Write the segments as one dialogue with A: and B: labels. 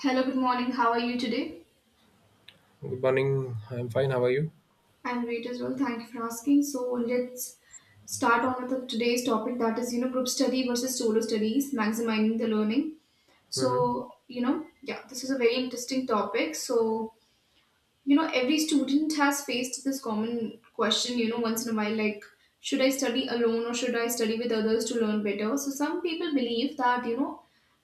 A: Hello, good morning. How are you today?
B: Good morning. I'm fine. How are you?
A: I'm great as well. Thank you for asking. So let's start on with today's topic, that is, group study versus solo studies, maximizing the learning. So,
B: Hmm.
A: this is a very interesting topic. So every student has faced this common question, once in a while, like should I study alone or should I study with others to learn better? So some people believe that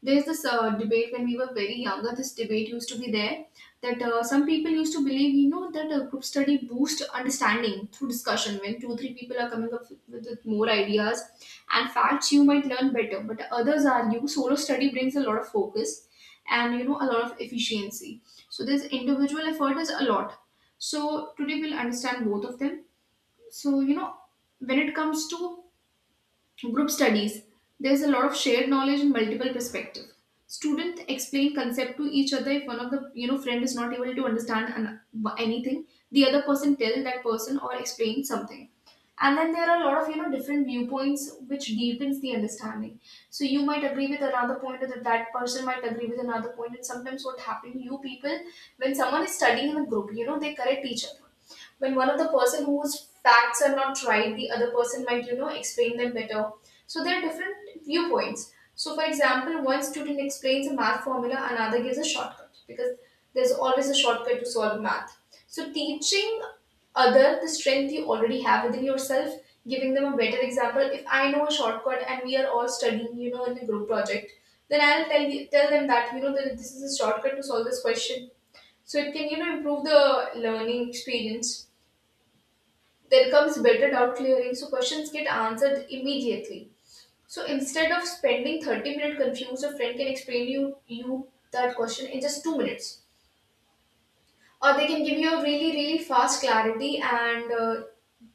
A: there's this debate. When we were very younger, this debate used to be there, that some people used to believe, that group study boosts understanding through discussion. When 2 3 people are coming up with more ideas and facts, you might learn better, but others argue solo study brings a lot of focus and a lot of efficiency. So this individual effort is a lot. So today we'll understand both of them. So when it comes to group studies, there's a lot of shared knowledge and multiple perspective. Students explain concept to each other. If one of the friend is not able to understand anything, the other person tell that person or explain something. And then there are a lot of different viewpoints which deepens the understanding. So you might agree with another point, or that person might agree with another point. And sometimes what happens, you people, when someone is studying in a group, they correct each other. When one of the person whose facts are not right, the other person might explain them better. So there are different viewpoints. So for example, one student explains a math formula, another gives a shortcut, because there's always a shortcut to solve math. So teaching other the strength you already have within yourself, giving them a better example. If I know a shortcut and we are all studying, in a group project, then tell them that that this is a shortcut to solve this question. So it can improve the learning experience. There comes better doubt clearing, so questions get answered immediately. So instead of spending 30 minutes confused, a friend can you that question in just 2 minutes. Or they can give you a really, really fast clarity, and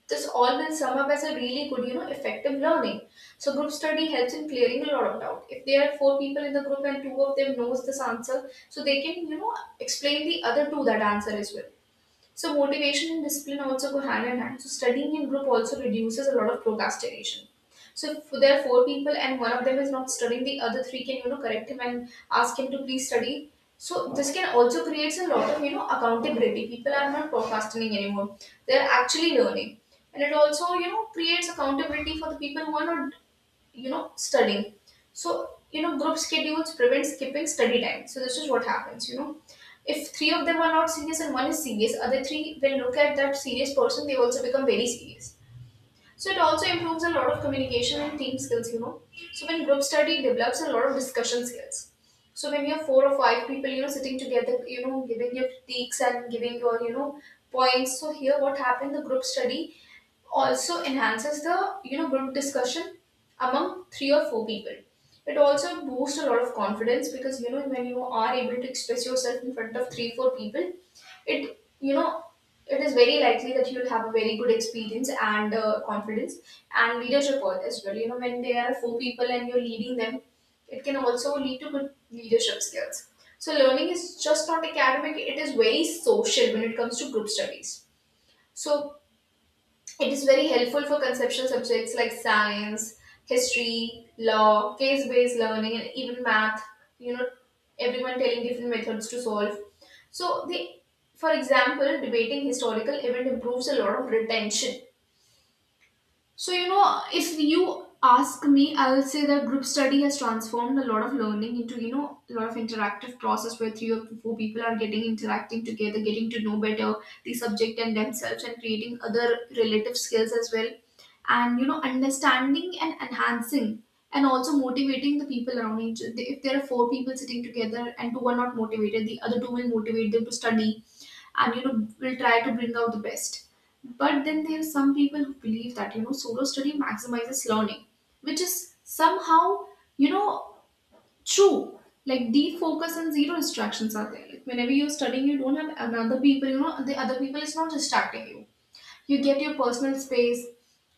A: this all will sum up as a really good, effective learning. So group study helps in clearing a lot of doubt. If there are four people in the group and two of them knows this answer, so they can, explain the other two that answer as well. So motivation and discipline also go hand in hand. So studying in group also reduces a lot of procrastination. So if there are four people and one of them is not studying, the other three can correct him and ask him to please study. So this can also creates a lot of accountability. People are not procrastinating anymore; they are actually learning, and it also creates accountability for the people who are not studying. So group schedules prevent skipping study time. So this is what happens, if three of them are not serious and one is serious, other three will look at that serious person, they also become very serious. So it also improves a lot of communication and team skills, So when group study develops a lot of discussion skills. So when you have four or five people, sitting together, giving your critiques and giving your, points. So here what happened, the group study also enhances the, group discussion among three or four people. It also boosts a lot of confidence, because when you are able to express yourself in front of three, four people, it it is very likely that you'll have a very good experience and confidence and leadership all as well. You know when there are four people and you're leading them, it can also lead to good leadership skills. So learning is just not academic, it is very social when it comes to group studies. So it is very helpful for conceptual subjects like science, history, law, case based learning, and even math. You know, everyone telling different methods to solve. So, the for example, debating historical event improves a lot of retention. So, if you ask me, I'll say that group study has transformed a lot of learning into, a lot of interactive process where three or four people are getting interacting together, getting to know better the subject and themselves, and creating other relative skills as well. And, understanding and enhancing and also motivating the people around each. If there are four people sitting together and two are not motivated, the other two will motivate them to study, and will try to bring out the best. But then there are some people who believe that solo study maximizes learning, which is somehow, you know true. Like defocus and zero distractions are there, like whenever you're studying you don't have another people, the other people is not distracting you. You get your personal space.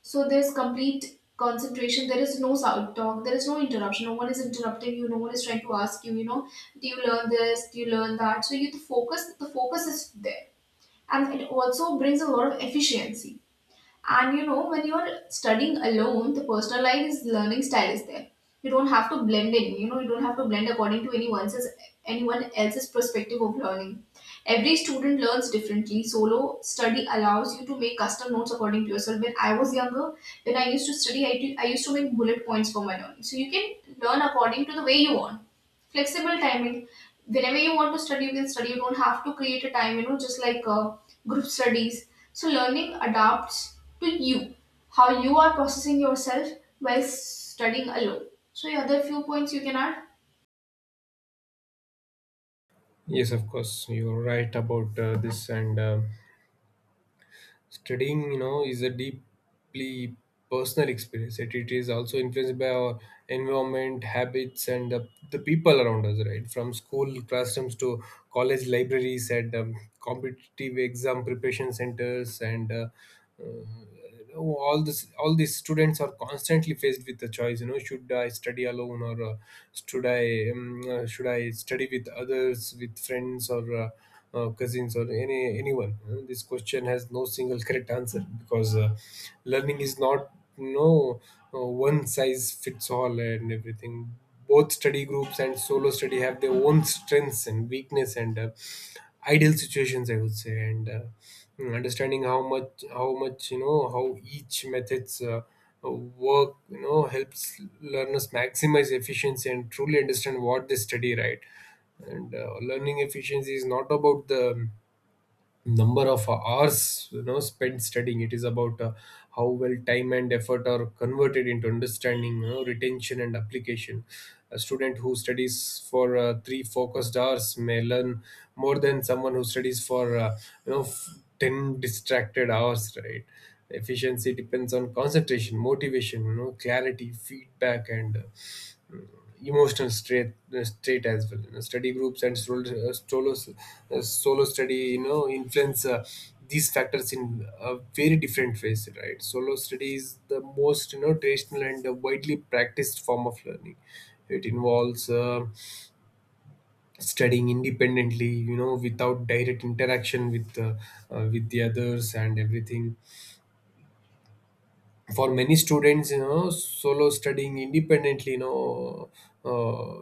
A: So there's complete concentration. There is no side talk. There is no interruption. No one is interrupting you. No one is trying to ask you. Do you learn this? Do you learn that? So you the focus. The focus is there, and it also brings a lot of efficiency. And when you're studying alone, the personalized learning style is there. You don't have to blend in. You don't have to blend according to anyone else's perspective of learning. Every student learns differently. Solo study allows you to make custom notes according to yourself. When I was younger, when I used to study, I used to make bullet points for my learning. So you can learn according to the way you want. Flexible timing, whenever you want to study you can study. You don't have to create a time, just like group studies. So learning adapts to you, how you are processing yourself while studying alone. So yeah, there are few points you can add.
B: Yes, of course. You're right about this. And Studying, you know, is a deeply personal experience. It is also influenced by our environment, habits, and the people around us, right? From school classrooms to college libraries and competitive exam preparation centers and you know, all these students are constantly faced with the choice, you know, should I study alone, or should i um, should I study with others, with friends, or cousins or anyone, you know. This question has no single correct answer because learning is not, you know, one size fits all and everything. Both study groups and solo study have their own strengths and weakness and ideal situations, I would say. Understanding how much you know how each methods work, you know, helps learners maximize efficiency and truly understand what they study, right? and Learning efficiency is not about the number of hours, you know, spent studying. It is about how well time and effort are converted into understanding, you know, retention and application. A student who studies for three focused hours may learn more than someone who studies for 10 distracted hours, right? Efficiency depends on concentration, motivation, you know, clarity, feedback, and emotional straight state as well. You know, study groups and solo study, you know, influence these factors in a very different ways, right? Solo study is the most, you know, traditional and widely practiced form of learning. It involves studying independently, you know, without direct interaction with the others and everything. For many students, you know, solo studying independently, you know, uh,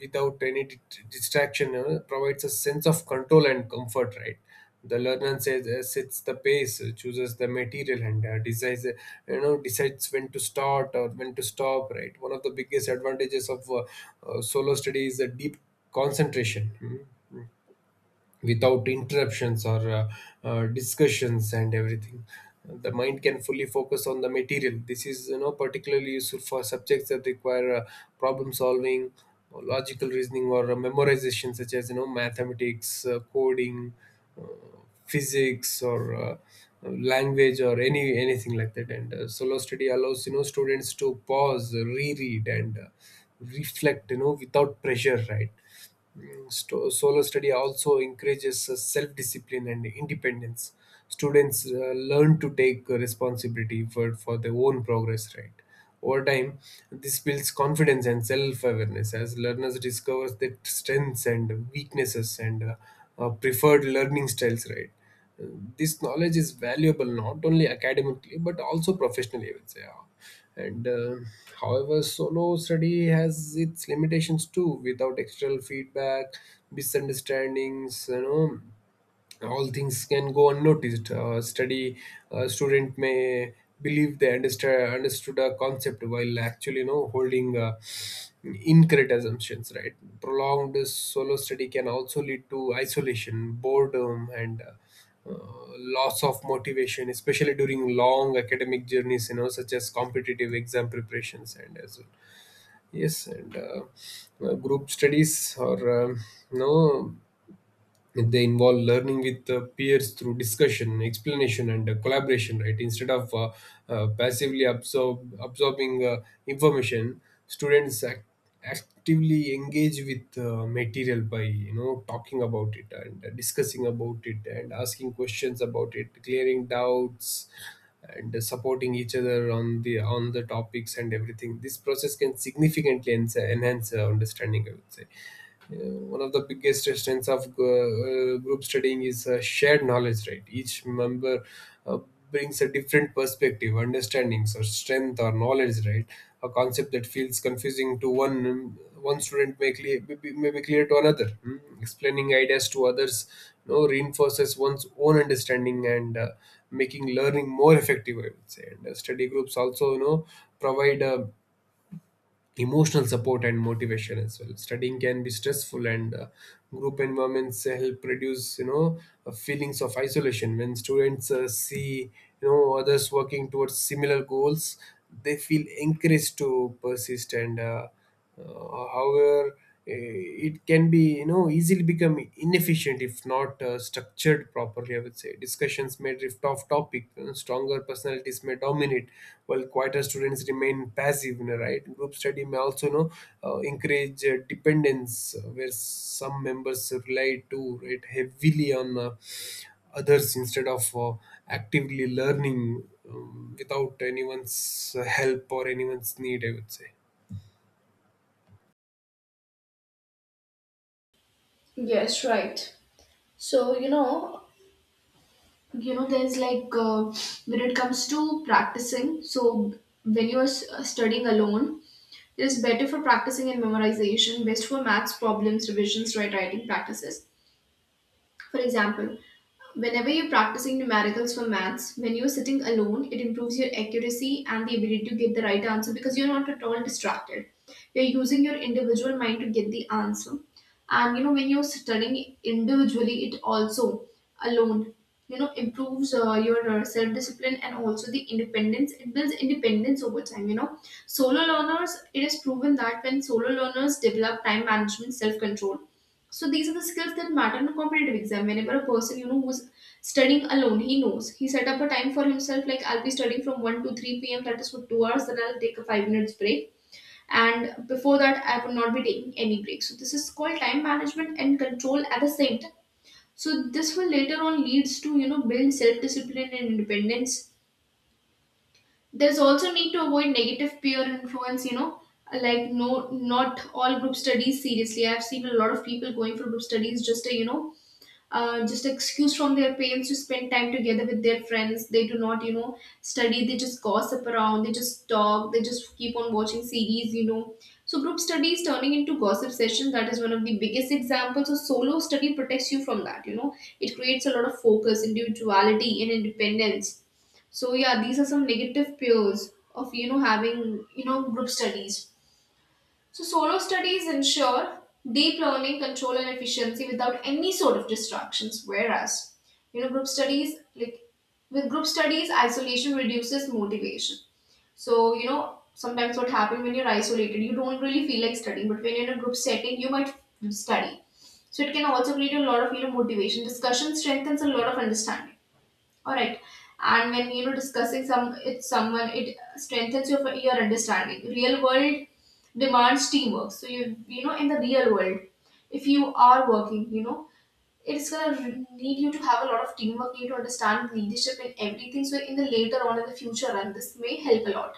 B: without any distraction, you know, provides a sense of control and comfort, right? The learner says sets the pace, chooses the material, and decides, decides when to start or when to stop, right? One of the biggest advantages of solo study is the deep concentration. Hmm. Without interruptions or discussions and everything, the mind can fully focus on the material. This is, you know, particularly useful for subjects that require problem solving or logical reasoning or memorization, such as, you know, mathematics, coding, uh, physics, or language or anything like that. And Solo study allows, you know, students to pause, reread, and reflect, you know, without pressure, right? Solo study also encourages self-discipline and independence. Students learn to take responsibility for their own progress, right? Over time, this builds confidence and self-awareness as learners discover their strengths and weaknesses and preferred learning styles, right? This knowledge is valuable not only academically but also professionally, I would say. Yeah. and However, solo study has its limitations too. Without external feedback, misunderstandings, you know, all things can go unnoticed. Study Student may believe they understand understood a concept while actually, you know, holding incorrect assumptions. Right, prolonged solo study can also lead to isolation, boredom, and loss of motivation, especially during long academic journeys, you know, such as competitive exam preparations and as well. Yes, and group studies or you know they involve learning with peers through discussion, explanation, and collaboration, right? Instead of absorbing information, students act- actively engage with material by, you know, talking about it and discussing about it and asking questions about it, clearing doubts, and supporting each other on the topics and everything. This process can significantly enhance understanding, I would say. One of the biggest strengths of group studying is shared knowledge, right? Each member uh, brings a different perspective, understandings, or strength, or knowledge, right? A concept that feels confusing to one student may be clear to another. Mm. Explaining ideas to others, you know, reinforces one's own understanding and making learning more effective, I would say. And Study groups also, you know, provide a emotional support and motivation as well. Studying can be stressful, and group environments help reduce, you know, feelings of isolation. When students see, you know, others working towards similar goals, they feel encouraged to persist and however, it can be, you know, easily become inefficient if not structured properly, I would say. Discussions may drift off topic. Stronger personalities may dominate, while quieter students remain passive, you know, right? Group study may also, you know, encourage dependence, where some members rely too right heavily on others instead of actively learning, without anyone's help or anyone's need, I would say.
A: Yes, right. So, there's like when it comes to practicing, so when studying alone, it is better for practicing and memorization, best for maths problems, revisions, right, writing practices. For example, whenever you're practicing numericals for maths, when you're sitting alone, it improves your accuracy and the ability to get the right answer, because you're not at all distracted. You're using your individual mind to get the answer. And when you're studying individually, it also alone, improves your self discipline and also the independence. It builds independence over time, Solo learners, it is proven that when solo learners develop time management, self control, so these are the skills that matter in a competitive exam. Whenever a person, who's studying alone, he knows he set up a time for himself. Like I'll be studying from one to three p.m. That is for 2 hours. Then I'll take a 5 minutes break, and before that I will not be taking any break. So this is called time management and control at the same time. So this will later on leads to build self discipline and independence. There's also need to avoid negative peer influence. Like no, not all group studies seriously. I've seen a lot of people going for group studies just to just excuse from their parents to spend time together with their friends. They do not, study. They just gossip around. They just talk. They just keep on watching series, So group study is turning into gossip session. That is one of the biggest examples. So solo study protects you from that. It creates a lot of focus, individuality, and independence. So yeah, these are some negative peers of having group studies. So, solo studies ensure deep learning, control, and efficiency without any sort of distractions. Whereas, group studies, like with group studies, isolation reduces motivation. So, sometimes what happens when you're isolated, you don't really feel like studying, but when you're in a group setting, you might study. So, it can also create a lot of, motivation. Discussion strengthens a lot of understanding. All right. And when discussing some it's someone, it strengthens your understanding. Real world demands teamwork. So you know in the real world, if you are working, you know it's gonna need you to have a lot of teamwork. You need to understand leadership and everything. So in the later on in the future, and this may help a lot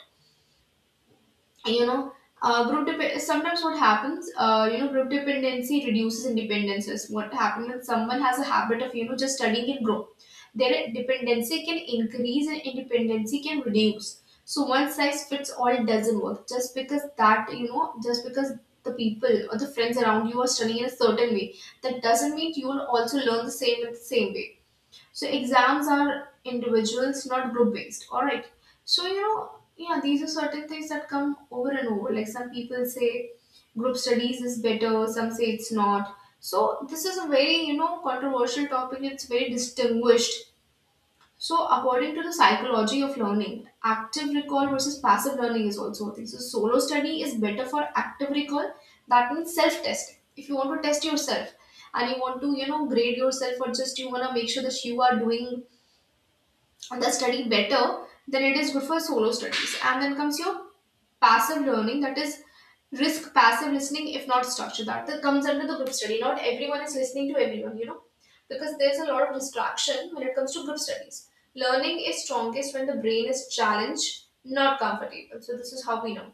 A: you know sometimes what happens you know group dependency reduces independences what happens when someone has a habit of you know just studying in group their dependency can increase and independency can reduce so one size fits all doesn't work just because that you know just because the people or the friends around you are studying in a certain way that doesn't mean you will also learn the same in the same way so exams are individuals, not group based. All right. So you know, yeah, these are certain things that come over and over. Like some people say group studies is better, some say it's not. So this is a very, you know, controversial topic. It's very distinguished. So according to the psychology of learning, active recall versus passive learning is also a thing. So solo study is better for active recall. That means self-testing. If you want to test yourself and you want to, you know, grade yourself or just you want to make sure that you are doing the study better, then it is good for solo studies. And then comes your passive learning, that is risk passive listening, if not structured. That comes under the group study. Not everyone is listening to everyone, you know, because there's a lot of distraction when it comes to group studies. Learning is strongest when the brain is challenged, not comfortable. So, this is how we know.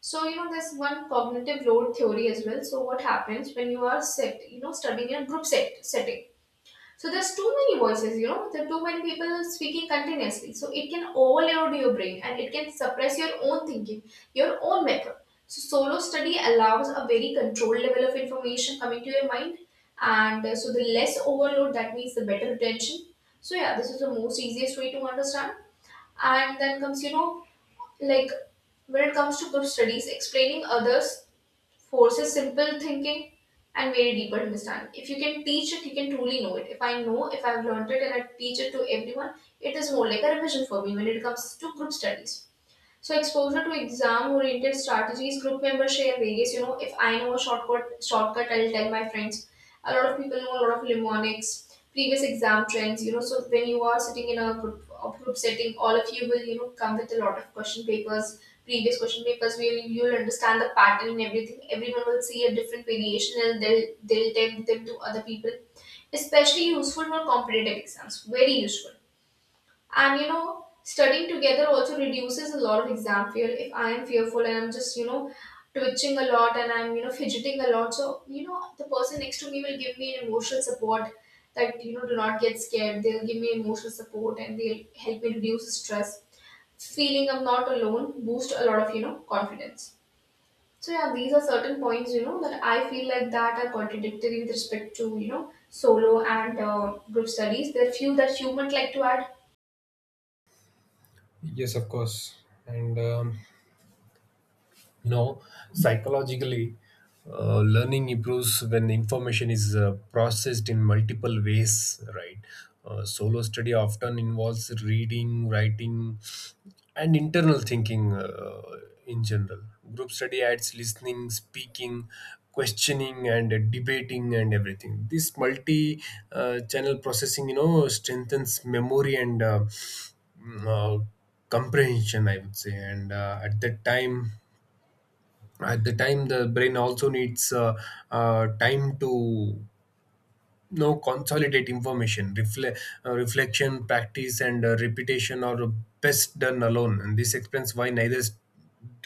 A: So, you know, there's one cognitive load theory as well. So, what happens when you are set, you know, studying in a group setting? So there's too many voices, you know, there are too many people speaking continuously. So it can overload your brain and it can suppress your own thinking, your own method. So solo study allows a very controlled level of information coming to your mind. And so the less overload, that means the better retention. So yeah, this is the most easiest way to understand. And then comes, you know, like when it comes to group studies, explaining others forces simple thinking and very deeper understanding. If you can teach it, you can truly know it. If I know, if I've learned it and I teach it to everyone, it is more like a revision for me when it comes to group studies. So exposure to exam-oriented strategies, group members share various, you know, if I know a shortcut, I'll tell my friends. A lot of people know a lot of mnemonics, previous exam trends, you know, so when you are sitting in a group setting, all of you will, you know, come with a lot of question papers, previous question papers, where you'll understand the pattern and everything. Everyone will see a different variation and they'll tell them to other people. Especially useful for competitive exams, very useful. And you know, studying together also reduces a lot of exam fear. If I am fearful and I'm just, you know, twitching a lot and I'm, you know, fidgeting a lot, so, you know, the person next to me will give me an emotional support that, you know, do not get scared. They'll give me emotional support and they'll help me reduce stress. Feeling I'm not alone boost a lot of, you know, confidence. So yeah, these are certain points, you know, that I feel like that are contradictory with respect to, you know, solo and group studies. There are few that you might like to add.
B: Yes, of course. And You know, psychologically, learning improves when information is processed in multiple ways, right? Solo study often involves reading, writing, and internal thinking, in general. Group study adds listening, speaking, questioning, and debating and everything. This multi- channel processing, you know, strengthens memory and mm, uh, comprehension, I would say. And at that time At the time, the brain also needs time to no consolidate information. Reflection, practice, and repetition are best done alone, and this explains why neither st-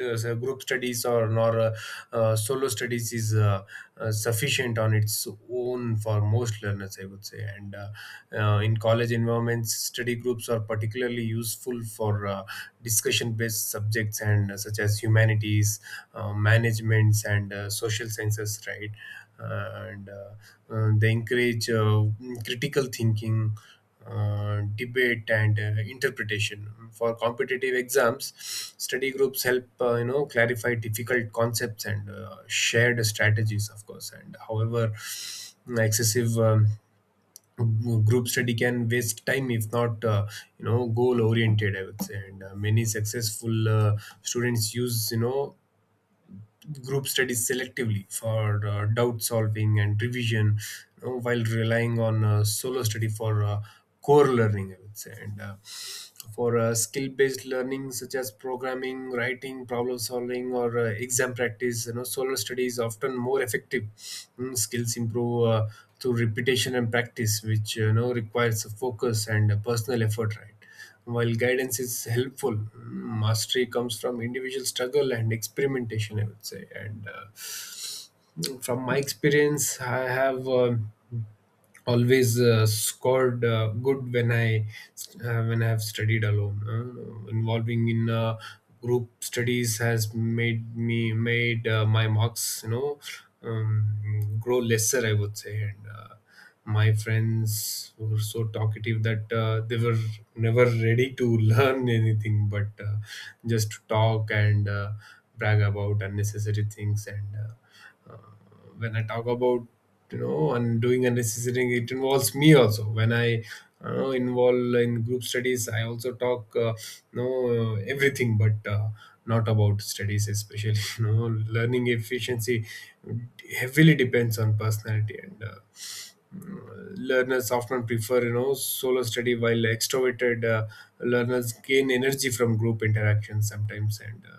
B: uh, group studies or nor solo studies is sufficient on its own for most learners, I would say. And In college environments, study groups are particularly useful for discussion based subjects and such as humanities, managements, and social sciences, right? And They encourage critical thinking, debate, and interpretation. Mm. For competitive exams, study groups help, you know, clarify difficult concepts and shared strategies, of course. And however, excessive group study can waste time if not you know goal oriented, I would say. And Many successful students use, you know, group studies selectively for doubt solving and revision, you know, while relying on solo study for core learning, I would say. And uh, for uh, skill based learning such as programming, writing, problem solving, or exam practice, you know, solo study is often more effective. Mm. Skills improve through repetition and practice, which, you know, requires focus and personal effort, right? While guidance is helpful, mastery comes from individual struggle and experimentation, I would say. And From my experience, I have always scored good when I have studied alone. Involving in group studies has made my marks, you know, grow lesser, I would say. And. My friends were so talkative that they were never ready to learn anything but just to talk and brag about unnecessary things, and when I talk about, you know, and doing unnecessary, it involves me also. When I involve in group studies, I also talk, no everything but not about studies especially. You know, learning efficiency heavily depends on personality and learners often prefer, you know, solo study, while extroverted learners gain energy from group interaction sometimes. and uh,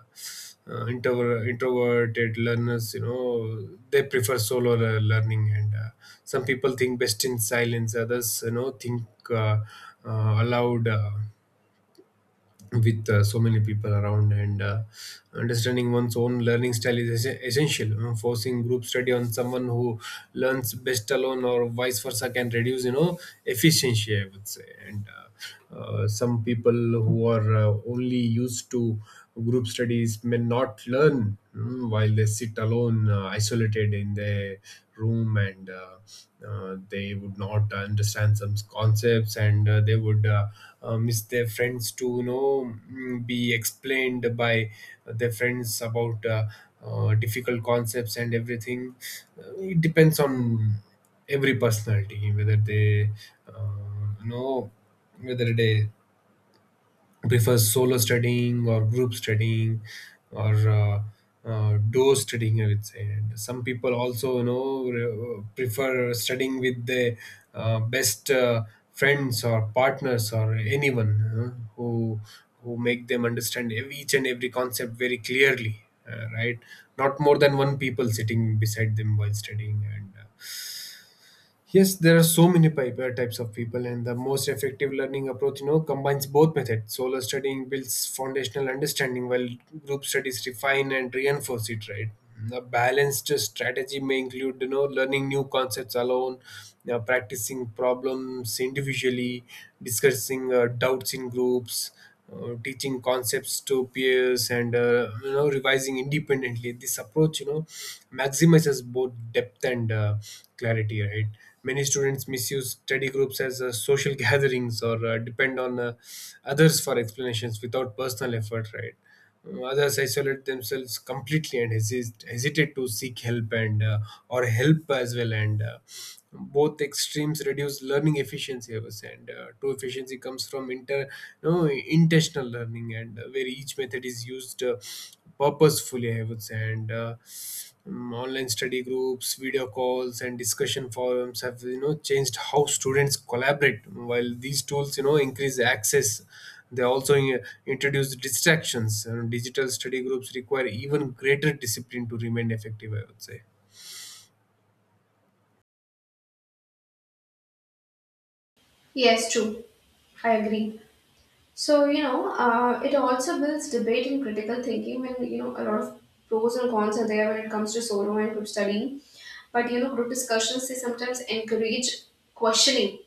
B: uh, introver- Introverted learners, you know, they prefer solo learning. And Some people think best in silence, others, you know, think uh, aloud, with so many people around. And Understanding one's own learning style is essential. Forcing group study on someone who learns best alone or vice versa can reduce, you know, efficiency, I would say. And Some people who are only used to group studies may not learn, while they sit alone, isolated in their room, and they would not understand some concepts, and they would miss their friends to, you know, be explained by their friends about difficult concepts and everything. It depends on every personality whether they you know whether they prefers solo studying or group studying, or duo studying, I would say. And some people also, you know, prefer studying with their best friends or partners or anyone who make them understand each and every concept very clearly, right? Not more than one people sitting beside them while studying, and yes, there are so many types of people, and the most effective learning approach, you know, combines both methods. Solo studying builds foundational understanding, while group studies refine and reinforce it. Right, a balanced strategy may include, learning new concepts alone, practicing problems individually, discussing doubts in groups, teaching concepts to peers, and revising independently. This approach, maximizes both depth and clarity, right? Many students misuse study groups as social gatherings or depend on others for explanations without personal effort, right? Others isolate themselves completely and hesitate to seek help and or help as well, and both extremes reduce learning efficiency, I was saying, and true efficiency comes from inter no intentional learning, and where each method is used purposefully, I would say, and online study groups, video calls, and discussion forums have, changed how students collaborate. While these tools, increase access, they also introduce distractions, and digital study groups require even greater discipline to remain effective, I would say.
A: Yes, true. I agree. So, you know, it also builds debate and critical thinking when, you know, a lot of pros and cons are there when it comes to solo and group studying. But, you know, group discussions, they sometimes encourage questioning,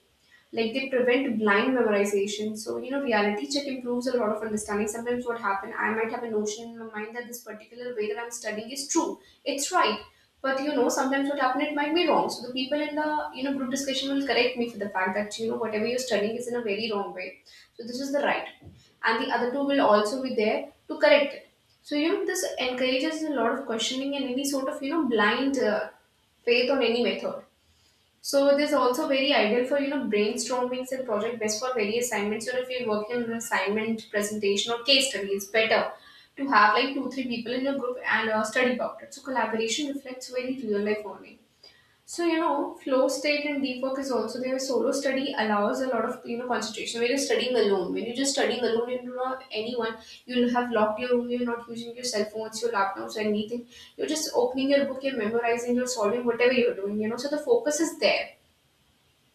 A: like they prevent blind memorization. So you know, reality check improves a lot of understanding. Sometimes what happen, I might have a notion in my mind that this particular way that I'm studying is true, it's right. But you know, sometimes what happened, it might be wrong. So the people in the, you know, group discussion will correct me for the fact that you know whatever you're studying is in a very wrong way, so this is the right. And the other two will also be there to correct it. So you know, this encourages a lot of questioning and any sort of you know blind faith on any method. So this is also very ideal for you know brainstormings and project based for various assignments. You know, if you're working on an assignment, presentation, or case study, it's better to have like 2 3 people in your group and study about it. So collaboration reflects very real life only. So you know, flow state and deep work is also there. Solo study allows a lot of you know concentration. When you're studying alone, when you're just studying alone, you do not anyone. You'll have locked your room. You're not using your cell phones, your laptops, anything. You're just opening your book. You're memorizing. You're solving whatever you're doing. You know, so the focus is there,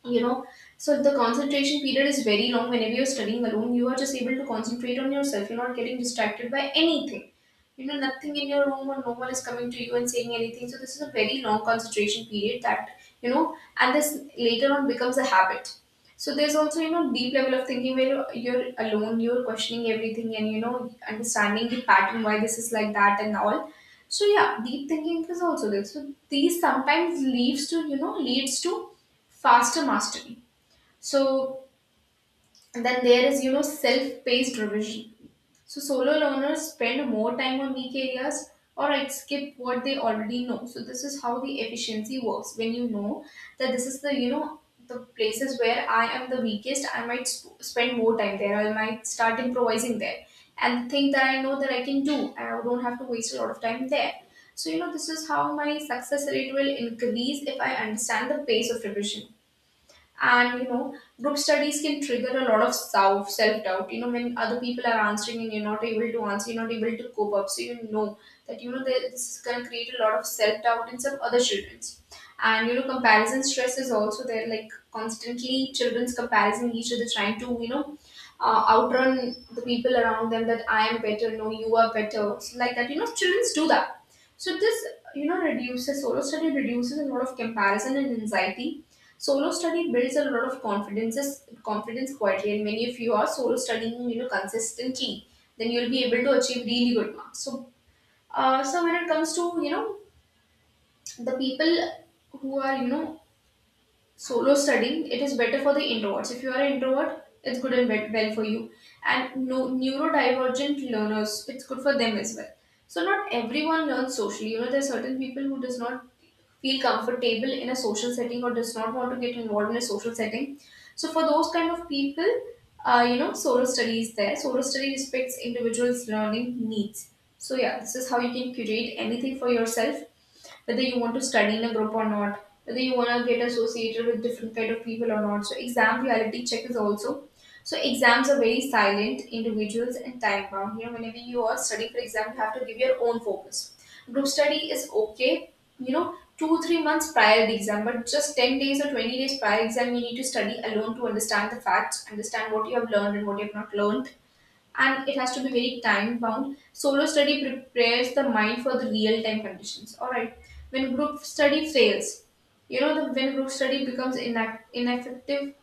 A: you know, so the concentration period is very long. Whenever you're studying alone, you are just able to concentrate on yourself, you're not getting distracted by anything. You know, nothing in your room or no one is coming to you and saying anything, so this is a very long concentration period that, you know, and this later on becomes a habit. So there's also, you know, deep level of thinking where you're alone, you're questioning everything and you know understanding the pattern why this is like that and all. So yeah, deep thinking is also there. So these sometimes leads to faster mastery. So then there is, you know, self-paced revision. So solo learners spend more time on weak areas or right, skip what they already know. So this is how the efficiency works. When you know that this is the, you know, the places where I am the weakest, I might spend more time there. I might start improvising there and think that I know that I can do. I don't have to waste a lot of time there. So, you know, this is how my success rate will increase if I understand the pace of revision. And you know, group studies can trigger a lot of self doubt. You know, when other people are answering and you're not able to answer, you're not able to cope up, so you know that this is going to create a lot of self doubt in some other childrens. And you know, comparison stress is also there, like constantly children's comparing each other, trying to, you know, outrun the people around them that I am better, no you are better. So like that, you know, childrens do that. So this, you know, reduces, solo study reduces a lot of comparison and anxiety. Solo study builds a lot of confidence quietly, and when if you are solo studying, you know, consistently, then you'll be able to achieve really good marks. So so when it comes to you know the people who are you know solo studying, it is better for the introverts. If you are an introvert, it's good and well for you. And no, neurodivergent learners, it's good for them as well. So not everyone learns socially. You know, there are certain people who does not feel comfortable in a social setting or does not want to get involved in a social setting. So for those kind of people, you know, solo study is there. Solo study respects individuals' learning needs. So yeah, this is how you can curate anything for yourself, whether you want to study in a group or not, whether you want to get associated with different kind of people or not. So exam reality check is also, so exams are very silent, individuals and time bound. You know, whenever you are studying for exam, you have to give your own focus. Group study is okay, you know, 2 3 months prior the exam, but just 10 days or 20 days prior exam, you need to study alone to understand the facts, understand what you have learned and what you have not learned, and it has to be very time bound. Solo study prepares the mind for the real time conditions. All right. When group study fails, you know the when group study becomes ineffective.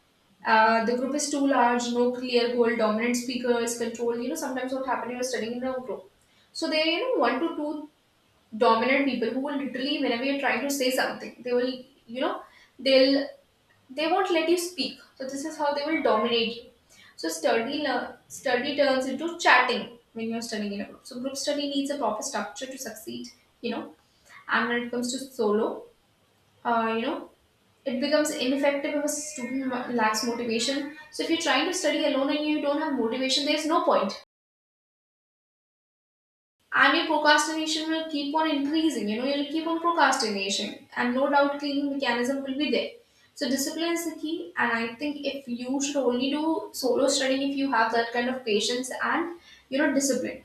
A: The group is too large, no clear goal, dominant speakers, control. You know, sometimes what happens, you're studying in a group. So there are you know one to two dominant people who will literally whenever you're trying to say something they will you know they'll they won't let you speak. So this is how they will dominate you. So study turns into chatting when you're studying in a group. So group study needs a proper structure to succeed, you know. And when it comes to solo, you know, it becomes ineffective if a student lacks motivation. So if you're trying to study alone and you don't have motivation, there's no point. I mean, procrastination will keep on increasing. You know, you'll keep on procrastination, and no doubt, cleaning mechanism will be there. So, discipline is the key, and I think if you should only do solo studying if you have that kind of patience and you know discipline.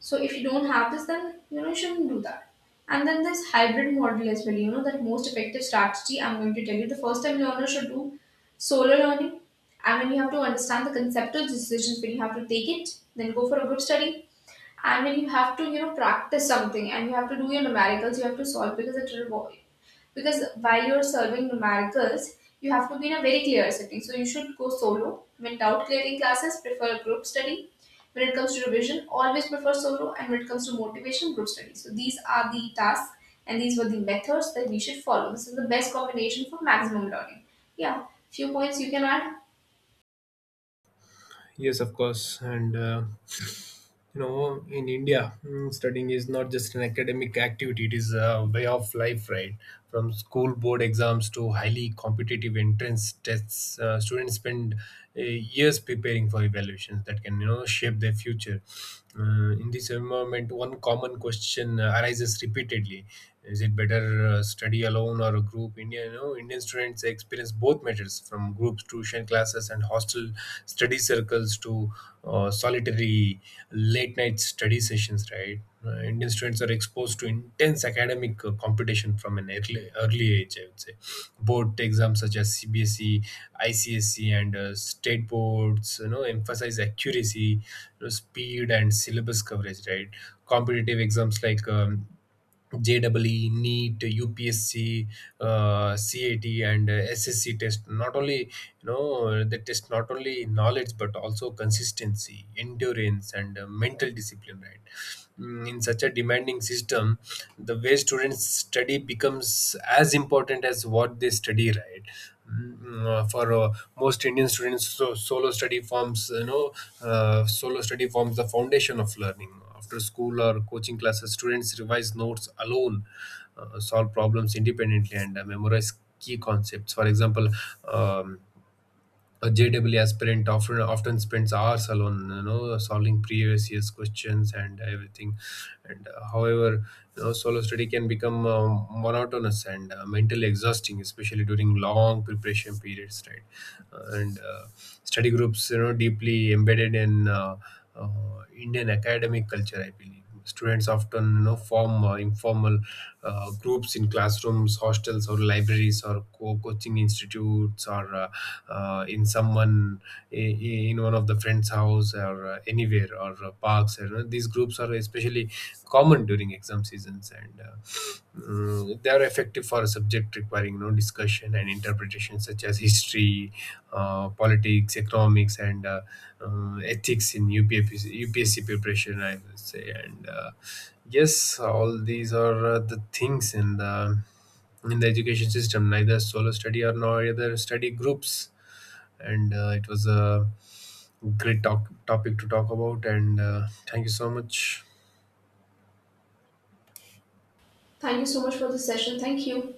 A: So, if you don't have this, then you know you shouldn't do that. And then this hybrid model as well. You know that most effective strategy. I'm going to tell you the first time learner should do solo learning. And mean, you have to understand the concept of decisions, when you have to take it, then go for a group study. And when you have to, you know, practice something and you have to do your numericals, you have to solve, because it because while you're solving numericals, you have to be in a very clear setting. So you should go solo. When doubt clearing classes, prefer group study. When it comes to revision, always prefer solo. And when it comes to motivation, group study. So these are the tasks and these were the methods that we should follow. This is the best combination for maximum learning. Yeah, few points you can add.
B: Yes, of course, and you know, in India, studying is not just an academic activity, it is a way of life, right? From school board exams to highly competitive entrance tests, students spend years preparing for evaluations that can, you know, shape their future. Uh, in this environment, one common question arises repeatedly. Is it better study alone or a group? India, you know, Indian students experience both methods, from groups, tuition classes, and hostel study circles to solitary late night study sessions, right? Indian students are exposed to intense academic competition from an early age, I would say. Board exams such as CBSE, ICSE, and state boards, you know, emphasize accuracy, you know, speed, and syllabus coverage, right? Competitive exams like JEE, NEET, UPSC, CAT, and SSC test. Not only you know they test not only knowledge but also consistency, endurance, and mental discipline. Right. In such a demanding system, the way students study becomes as important as what they study. Right. For most Indian students, solo study forms the foundation of learning. After school or coaching classes, students revise notes alone, solve problems independently, and memorize key concepts. For example. Um, a JEE aspirant often spends hours alone, you know, solving previous year's questions and everything. And however, you know, solo study can become monotonous and mentally exhausting, especially during long preparation periods, right? And study groups, you know, deeply embedded in uh, Indian academic culture, I believe. Students often, you know, form informal groups in classrooms, hostels, or libraries, or coaching institutes, or in someone i- in one of the friends house, or anywhere, or parks, you know. These groups are especially common during exam seasons, and they are effective for a subject requiring, you know, discussion and interpretation, such as history, politics, economics, and ethics in UPSC preparation, I would say. And yes, all these are the things in the education system. Neither solo study or nor other study groups. And it was a great talk, topic to talk about. And thank you so much.
A: Thank you so much for this session. Thank you.